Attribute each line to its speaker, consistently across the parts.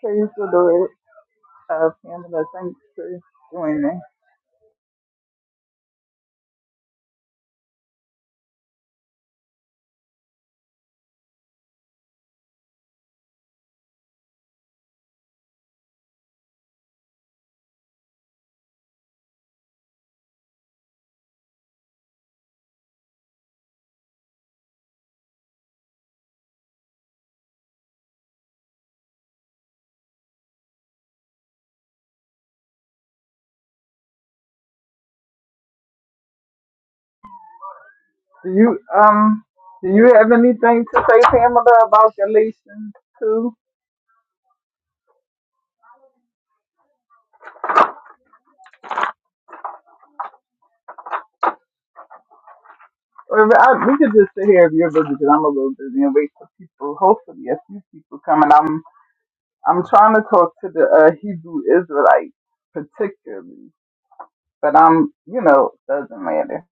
Speaker 1: Praise the Lord, uh, Pamela. Thanks for joining. Do you um do you have anything to say, Pamela, about Galatians two? Or if- I, we could just sit here if you're busy, because I'm a little busy and wait for people. Hopefully, a few people coming. I'm I'm trying to talk to the uh, Hebrew Israelites particularly, but I'm you know doesn't matter.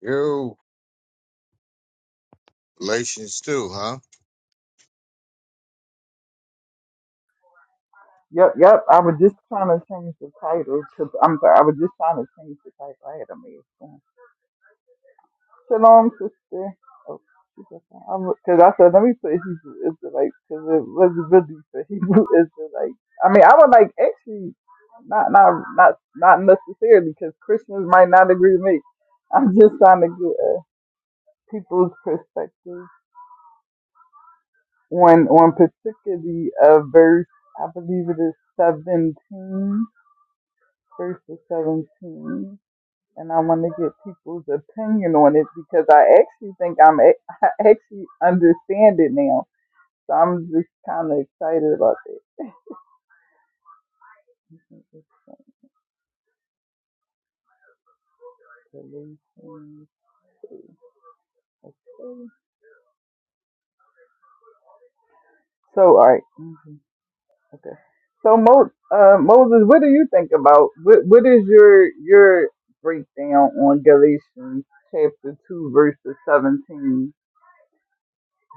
Speaker 2: You Galatians too, huh?
Speaker 1: Yep, yep. I was just trying to change the title to. I'm sorry. I was just trying to change the title. I had a mess. Shalom, sister. Oh, because I said, let me put Hebrew Israelites because it was really for Hebrew Israelites. I mean, I would like actually not not not not necessarily because Christians might not agree with me. I'm just trying to get uh, people's perspective on on particularly a verse. I believe it is 17, verse 17. and I want to get people's opinion on it because I actually think I'm a- I actually understand it now. So I'm just kind of excited about that. So all right. Mhm. okay. So Mo, uh, Moses, what do you think about what what is your your breakdown on Galatians chapter two verses seventeen?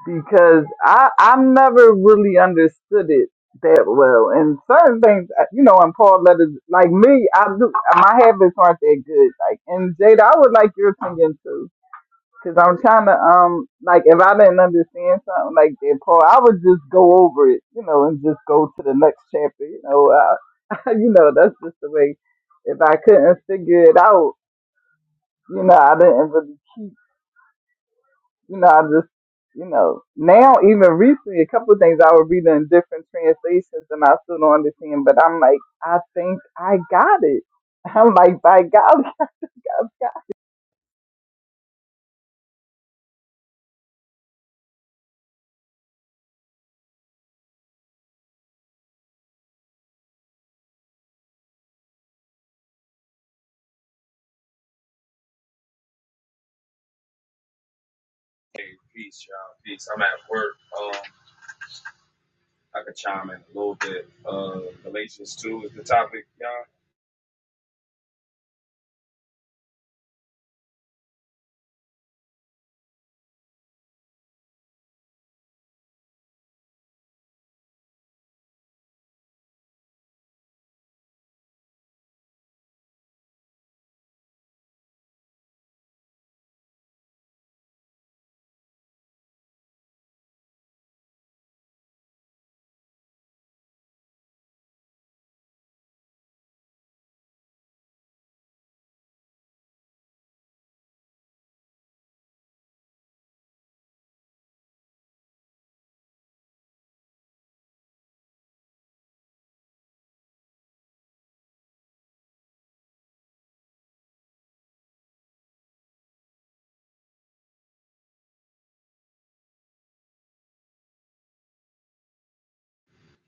Speaker 1: because I I never really understood it that well. And certain things, uh, you know, in Paul letters, like me, I do my habits aren't that good. Like, and Jada, I would like your opinion too, because I'm trying to um, like if I didn't understand something like that, Paul, I would just go over it, you know, and just go to the next chapter, you know. Uh, you know, that's just the way. If I couldn't figure it out, you know, I didn't really you know, I just, you know, now even recently, a couple of things I was reading in different translations and I still don't understand, but I'm like, I think I got it. I'm like, by golly, I've got
Speaker 3: Hey, peace, y'all. Peace. I'm at work. Um, I could chime in a little bit. Uh, Galatians two is the topic, y'all.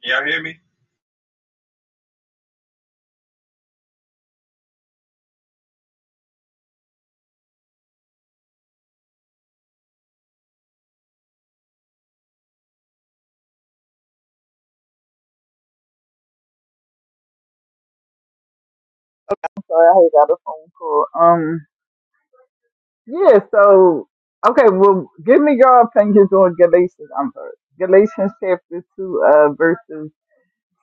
Speaker 3: Can y'all hear me?
Speaker 1: it. So I got a phone call. Um, yeah, so, okay, well, give me your opinions on Galatians, I'm sorry, Galatians chapter 2, uh, verses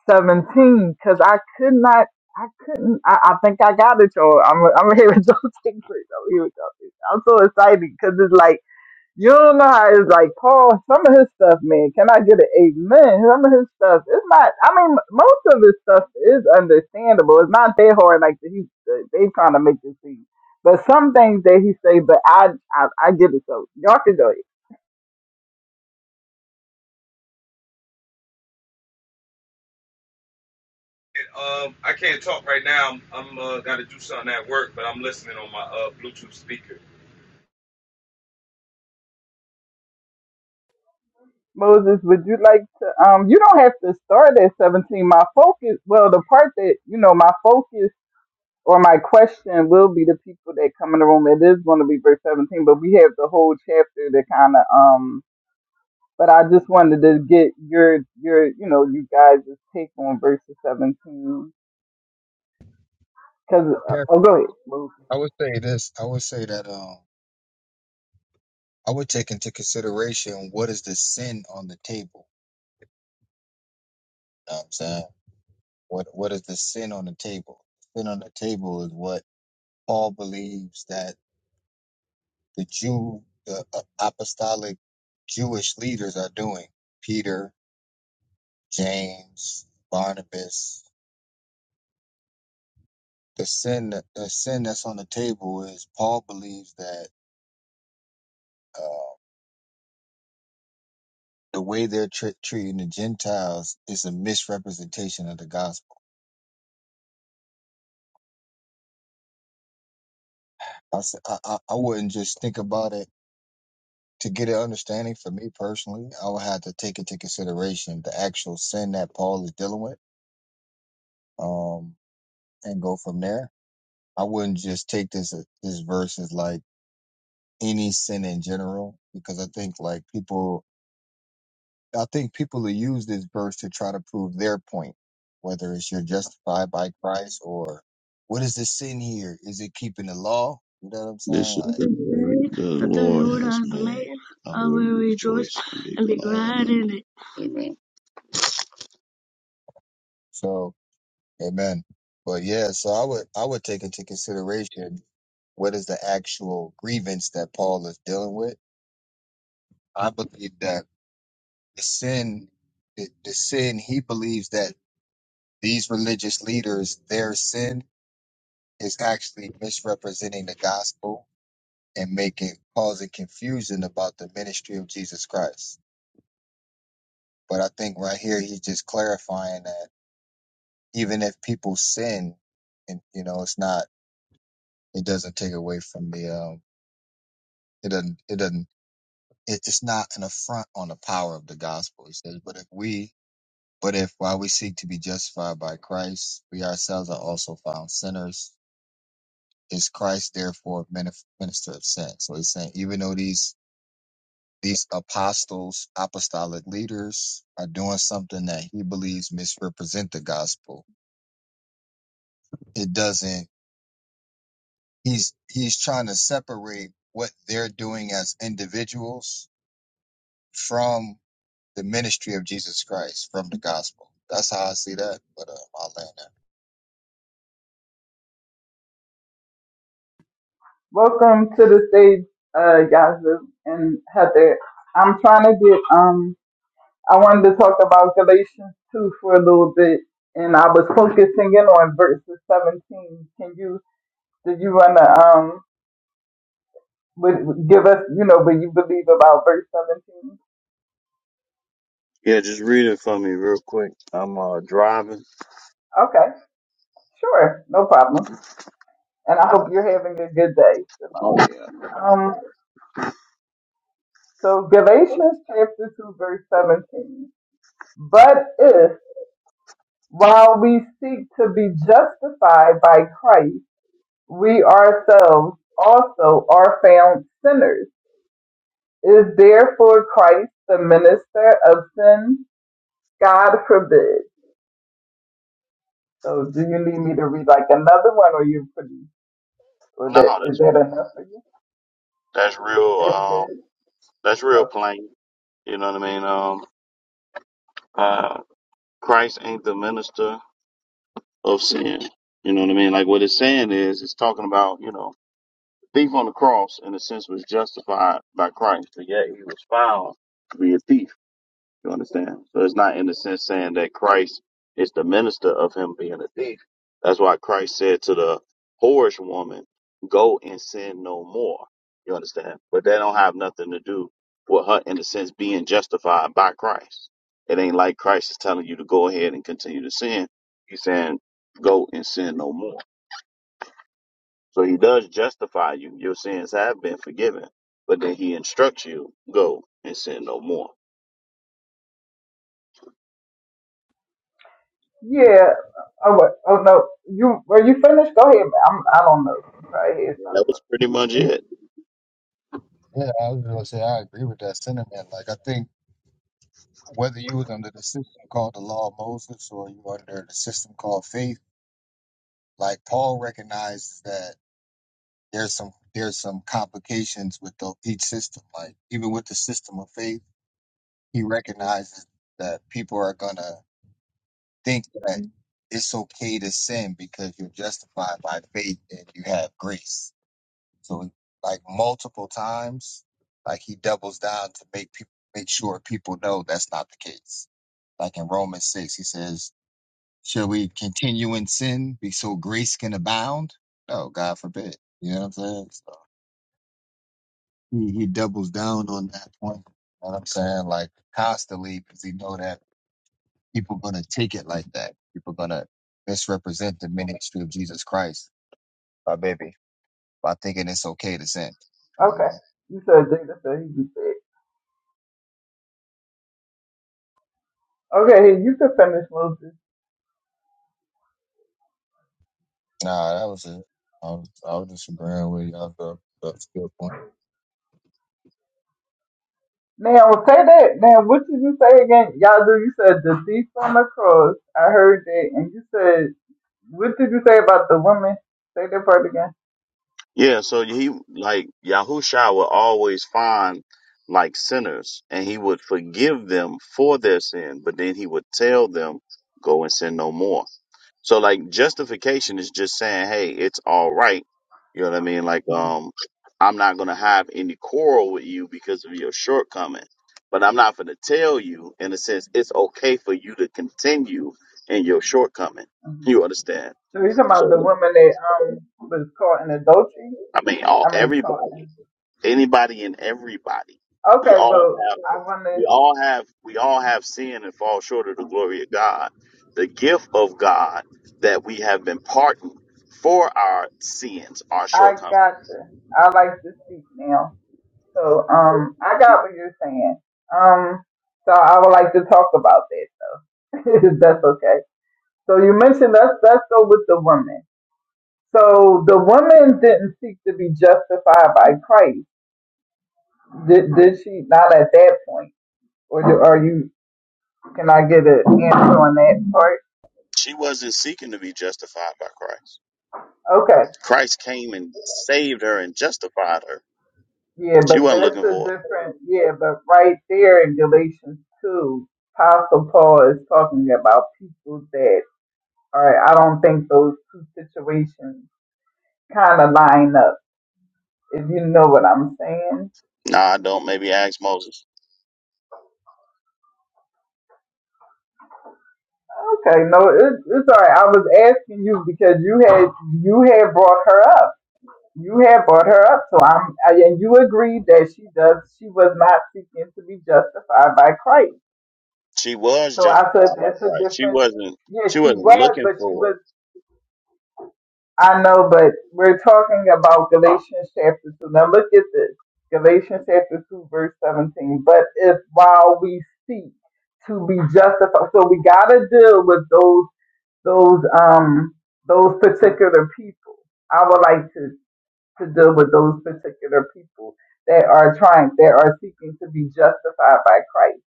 Speaker 1: 17, because I could not, I couldn't, I, I think I got it, y'all. I'm, I'm here with y'all. Here we go. I'm so excited because it's like, You don't know how it's like Paul. Some of his stuff, man. Can I get an amen? Some of his stuff, it's not. I mean, m- most of his stuff is understandable. It's not that hard. Like he, they trying to make it seem. But some things that he say, but I, I, I get it. So y'all can go.
Speaker 3: And, Um, I can't talk right now. I'm, I'm uh, got to do something at work, but I'm listening on my uh Bluetooth speaker.
Speaker 1: Moses, would you like to? Um, you don't have to start at seventeen. My focus, well, the part that you know, my focus or my question will be the people that come in the room. It is going to be verse seventeen, but we have the whole chapter to kind of um But I just wanted to get your your you know you guys' take on verses 17. Cause uh,
Speaker 2: Yeah,
Speaker 1: oh go ahead. Well,
Speaker 2: I would say this. I would say that um, I would take into consideration what is the sin on the table. You know what I'm saying what what is the sin on the table? Sin on the table is what Paul believes that the Jew, the uh, apostolic Jewish leaders are doing. Peter, James, Barnabas. The sin that the sin that's on the table is Paul believes that. uh, the way they're tre- treating the Gentiles is a misrepresentation of the gospel. I, s- I, I- I wouldn't just think about it to get an understanding for me personally. I would have to take into consideration the actual sin that Paul is dealing with, um, and go from there. I wouldn't just take this this verse as like any sin in general, because I think like people I think people who use this verse to try to prove their point, whether it's you're justified by Christ or what is the sin here? Is it keeping the law? You know what I'm saying?
Speaker 4: This is
Speaker 2: Like,
Speaker 4: the day the Lord has made. I will rejoice and be glad in it.
Speaker 2: so, amen. But yeah, so I would, I would take into consideration what is the actual grievance that Paul is dealing with. I believe that the sin, the, the sin, he believes that these religious leaders, their sin is actually misrepresenting the gospel and making causing confusion about the ministry of Jesus Christ. But I think right here he's just clarifying that even if people sin, and you know, it's not it doesn't take away from the um it doesn't it doesn't it, it's not an affront on the power of the gospel. He says, but if we but if while we seek to be justified by Christ, we ourselves are also found sinners. Is Christ therefore minif- minister of sin? So he's saying even though these these apostles, apostolic leaders are doing something that he believes misrepresent the gospel. It doesn't he's he's trying to separate what they're doing as individuals from the ministry of Jesus Christ, from the gospel. That's how I see that. But uh, I'll land there.
Speaker 1: Welcome to the stage, uh, Yazoo and Heather. I'm trying to get um I wanted to talk about Galatians 2 for a little bit, and I was focusing in on verses 17. Can you did you wanna um would give us you know what you believe about verse 17?
Speaker 4: Yeah, just read it for me real quick. I'm uh driving.
Speaker 1: Okay, sure, no problem. And I hope you're having a good day. You
Speaker 4: Oh
Speaker 1: know.
Speaker 4: yeah.
Speaker 1: Um. So Galatians chapter 2 verse 17. But if while we seek to be justified by Christ, we ourselves also are found sinners, is therefore Christ the minister of sin? God forbid. So do you need me to read like another one or you pretty or
Speaker 4: No,
Speaker 1: that is
Speaker 4: that's
Speaker 1: that
Speaker 4: real.
Speaker 1: enough for you?
Speaker 4: That's real.
Speaker 1: That's
Speaker 4: Um,
Speaker 1: good.
Speaker 4: that's real
Speaker 1: Okay.
Speaker 4: plain. You know what I mean? Um, uh, Christ ain't the minister of sin. You know what I mean? Like what it's saying is, it's talking about you know, the thief on the cross in a sense was justified by Christ, but yet he was found to be a thief. You understand? So it's not in the sense saying that Christ is the minister of him being a thief. That's why Christ said to the whorish woman, go and sin no more. You understand? But that don't have nothing to do with her in the sense being justified by Christ. It ain't like Christ is telling you to go ahead and continue to sin. He's saying go and sin no more. So he does justify you. Your sins have been forgiven. But then he instructs you, go and sin no more.
Speaker 1: Yeah. Oh, what? oh no. You were you finished? Go ahead. I'm I don't know. You probably had
Speaker 4: Yeah,
Speaker 1: something.
Speaker 4: That was pretty much it.
Speaker 2: Yeah, I was gonna say I agree with that sentiment. Like I think whether you was under the system called the law of Moses or you were under the system called faith, like Paul recognizes that there's some there's some complications with the, each system. Like even with the system of faith, he recognizes that people are gonna think that it's okay to sin because you're justified by faith and you have grace. So like multiple times, like he doubles down to make people make sure people know that's not the case. Like in Romans six, he says, "Shall we continue in sin, be so grace can abound?" No, God forbid. You know what I'm saying? So he, he doubles down on that point. You know what I'm saying? Like constantly, because he know that people gonna take it like that. People gonna misrepresent the ministry of Jesus Christ, my baby, by thinking it's okay to sin. And I'm
Speaker 1: Okay.
Speaker 2: like,
Speaker 1: You said Jada said he be fed. Okay, you can finish Moses.
Speaker 2: nah, that was it. I was, I was just agreeing with y'all. That, that's a good point.
Speaker 1: Now say that. Now what did you say again? Y'all do you said the thief on the cross. I heard that, and you said what did you say about the woman? Say that part again.
Speaker 4: Yeah, so he like Yahusha would always find like sinners and he would forgive them for their sin, but then he would tell them, go and sin no more. So like justification is just saying, hey, it's all right. You know what I mean? Like,
Speaker 1: Mm-hmm.
Speaker 4: um, I'm not gonna have any quarrel with you because of your shortcoming, but I'm not gonna tell you in a sense it's okay for you to continue in your shortcoming.
Speaker 1: hmm
Speaker 4: You understand?
Speaker 1: So you talking about
Speaker 4: So
Speaker 1: the woman that um was caught in adultery?
Speaker 4: I mean, all
Speaker 1: I mean caught
Speaker 4: everybody.
Speaker 1: in.
Speaker 4: anybody and everybody. We
Speaker 1: Okay, but
Speaker 4: all have
Speaker 1: I wanna.
Speaker 4: we all have we all have sin and fall short of the glory of God. The gift of God that we have been pardoned for our sins, our
Speaker 1: I
Speaker 4: shortcomings.
Speaker 1: gotcha. I like to speak now. So um, I got what you're saying. Um, so I would like to talk about that. That's okay. So you mentioned us. Let's go with the woman. So the woman didn't seek to be justified by Christ. Did, did she? Not at that point. Or do, are you? Can I get an answer on that part?
Speaker 4: She wasn't seeking to be justified by Christ.
Speaker 1: Okay.
Speaker 4: Christ came and saved her and justified her.
Speaker 1: Yeah,
Speaker 4: She
Speaker 1: but
Speaker 4: wasn't
Speaker 1: that's
Speaker 4: looking
Speaker 1: a
Speaker 4: for it.
Speaker 1: different. Yeah, but right there in Galatians two, Apostle Paul is talking about people that are. I don't think those two situations kind of line up. If you know what I'm saying.
Speaker 4: Nah, I don't. Maybe ask Moses.
Speaker 1: Okay, no, it, it's all right. I was asking you because you had you had brought her up. You had brought her up, so I'm I, and you agreed that she does she was not seeking to be justified by Christ.
Speaker 4: She was
Speaker 1: So I said
Speaker 4: justified by
Speaker 1: that's a
Speaker 4: Christ. She
Speaker 1: different.
Speaker 4: wasn't.
Speaker 1: Yes,
Speaker 4: She
Speaker 1: she
Speaker 4: wasn't
Speaker 1: was,
Speaker 4: looking
Speaker 1: but she
Speaker 4: for it.
Speaker 1: was. I know, but we're talking about Galatians chapter two. Now look at this, Galatians chapter two, verse seventeen. But if while we seek to be justified, so we gotta deal with those those um those particular people. I would like to to deal with those particular people that are trying that are seeking to be justified by Christ.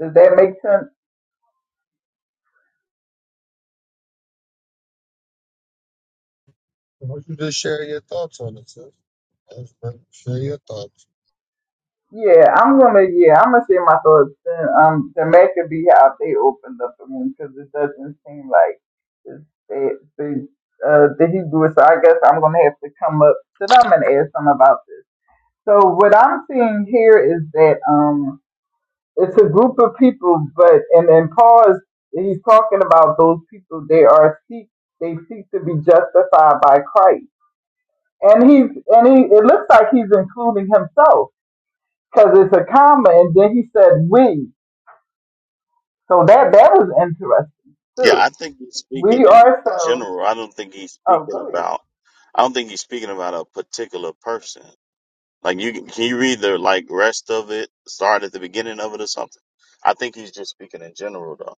Speaker 1: Does that make sense?
Speaker 2: Why don't you just share your thoughts on it, sis? Just Share your thoughts.
Speaker 1: Yeah, I'm gonna yeah I'm gonna share my thoughts. Then um, then that could be how they opened up for me because it doesn't seem like it's that the uh the Hebrew. So I guess I'm gonna have to come up to them and ask them about this. So what I'm seeing here is that um it's a group of people, but and and Paul is he's talking about those people. They are seek they seek to be justified by Christ, and he's and he it looks like he's including himself because it's a comma, and then he said we. So that that was interesting
Speaker 4: Yeah,
Speaker 1: too.
Speaker 4: I think he's
Speaker 1: We
Speaker 4: speaking in
Speaker 1: ourselves.
Speaker 4: general. I don't think he's
Speaker 1: Oh,
Speaker 4: speaking
Speaker 1: go ahead.
Speaker 4: about. I don't think he's speaking about a particular person. Like you, can can you read the like rest of it? Start at the beginning of it or something. I think he's just speaking in general, though.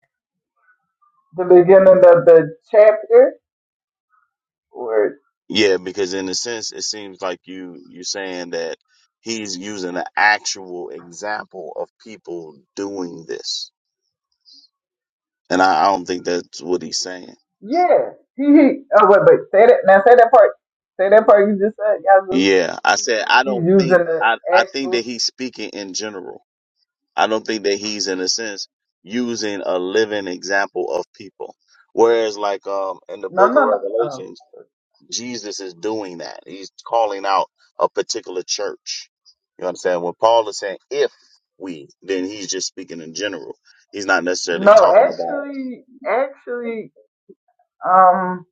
Speaker 1: The beginning of the chapter, or
Speaker 4: Yeah, because in a sense, it seems like you you're saying that he's using an actual example of people doing this, and I, I don't think that's what he's saying.
Speaker 1: yeah, he. he oh wait, wait. Say that now. Say that part. Say that part you just said. Y'all.
Speaker 4: Yeah, I said I
Speaker 1: He's
Speaker 4: don't think
Speaker 1: using the
Speaker 4: I I think
Speaker 1: actual.
Speaker 4: that he's speaking in general. I don't think that he's in a sense using a living example of people. Whereas like um in the
Speaker 1: No,
Speaker 4: book of
Speaker 1: no, no. Oh.
Speaker 4: Revelations, Jesus is doing that. He's calling out a particular church. You understand? When Paul is saying if we, then he's just speaking in general. He's not necessarily
Speaker 1: No,
Speaker 4: talking about
Speaker 1: actually, actually, um,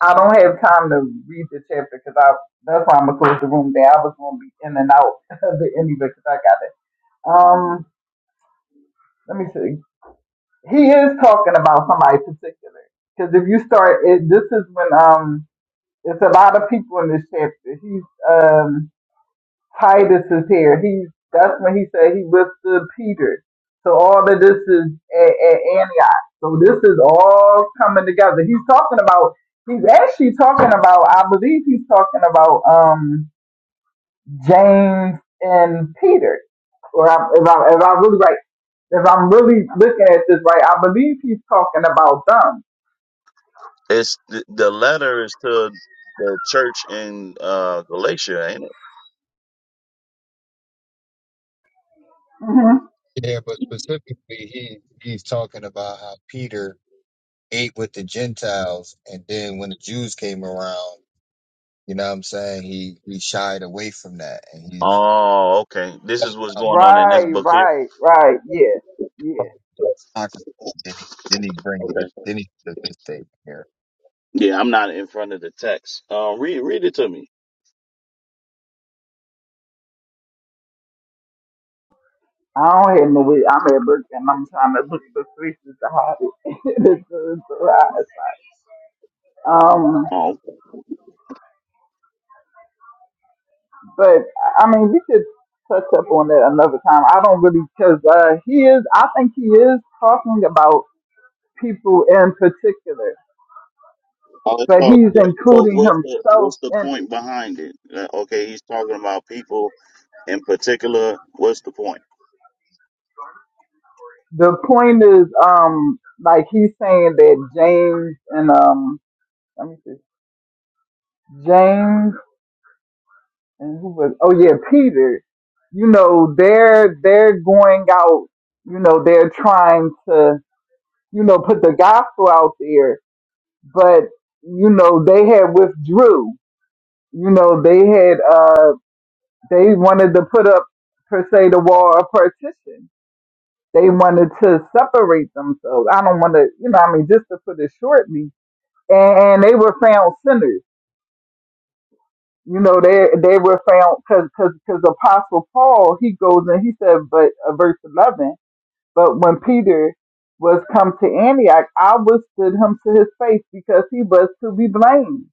Speaker 1: I don't have time to read the chapter because I that's why I'm gonna close the room down. I was gonna be in and out of the ending because I got it. Um, let me see. He is talking about somebody particular because if you start, it, this is when um, it's a lot of people in this chapter. He's um. Titus is here. He that's when he said he withstood Peter. So all of this is at, at Antioch. So this is all coming together. He's talking about. He's actually talking about. I believe he's talking about um James and Peter. Or I, if I if I really right, if I'm really looking at this right, I believe he's talking about them.
Speaker 4: it's the, the letter is to the church in uh Galatia, ain't it?
Speaker 1: hmm
Speaker 2: Yeah, but specifically, he he's talking about how Peter ate with the Gentiles, and then when the Jews came around. You know what I'm saying? He he shied away from that, and he's
Speaker 4: Oh, okay. This
Speaker 2: playing
Speaker 4: is what's
Speaker 2: out
Speaker 4: going on in this
Speaker 1: Right,
Speaker 4: book here.
Speaker 1: right, right. Yeah, yeah.
Speaker 2: the hypocrisy. Then he then he bring
Speaker 4: Okay.
Speaker 2: this then he does this statement here?
Speaker 4: Yeah, I'm not in front of the text. Uh, read read it to me.
Speaker 1: I don't have no way. I'm at work and I'm trying to look for places to hide it. it's, so- it's so hot. Um,
Speaker 4: Oh,
Speaker 1: but I mean, we could touch up on that another time. I don't really because uh, he is. I think he is talking about people in particular,
Speaker 4: oh, it's
Speaker 1: but
Speaker 4: all
Speaker 1: he's
Speaker 4: good. so
Speaker 1: including
Speaker 4: what's the
Speaker 1: himself
Speaker 4: what's the
Speaker 1: in it.
Speaker 4: point behind it? Uh, okay, he's talking about people in particular. What's the point?
Speaker 1: The point is, um, like he's saying that James and um, let me see, James. and who was oh yeah peter you know they're they're going out you know they're trying to you know put the gospel out there but you know they had withdrew you know they had uh they wanted to put up per se the wall of partition they wanted to separate themselves i don't want to you know i mean just to put it shortly and, and they were found sinners you know they they were found because because apostle paul he goes and he said but uh, verse 11 but when peter was come to antioch i withstood him to his face because he was to be blamed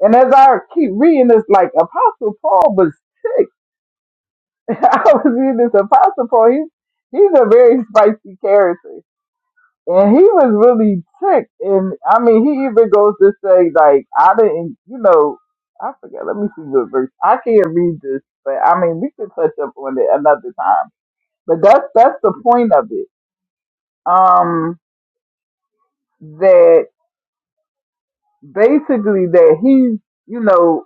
Speaker 1: and as i keep reading this like apostle paul was sick i was reading this apostle paul he, he's a very spicy character and he was really ticked. And I mean, he even goes to say, like, I didn't, you know, I forget. Let me see what verse. I can't read this, but I mean, we can touch up on it another time. But that's that's the point of it. Um, that basically that he's, you know,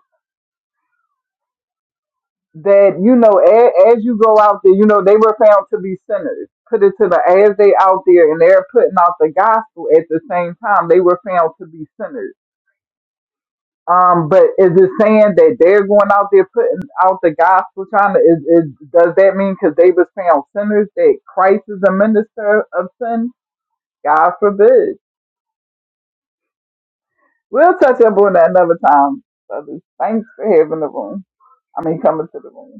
Speaker 1: that you know, as, as you go out there, you know, they were found to be sinners. Put it to the as they out there and they're putting out the gospel at the same time, they were found to be sinners Um, but is it saying that they're going out there putting out the gospel, trying to? Is, is does that mean because they was found sinners that Christ is a minister of sin? God forbid. We'll touch up on that another time. Brothers, thanks for having the room. I mean, coming to the room.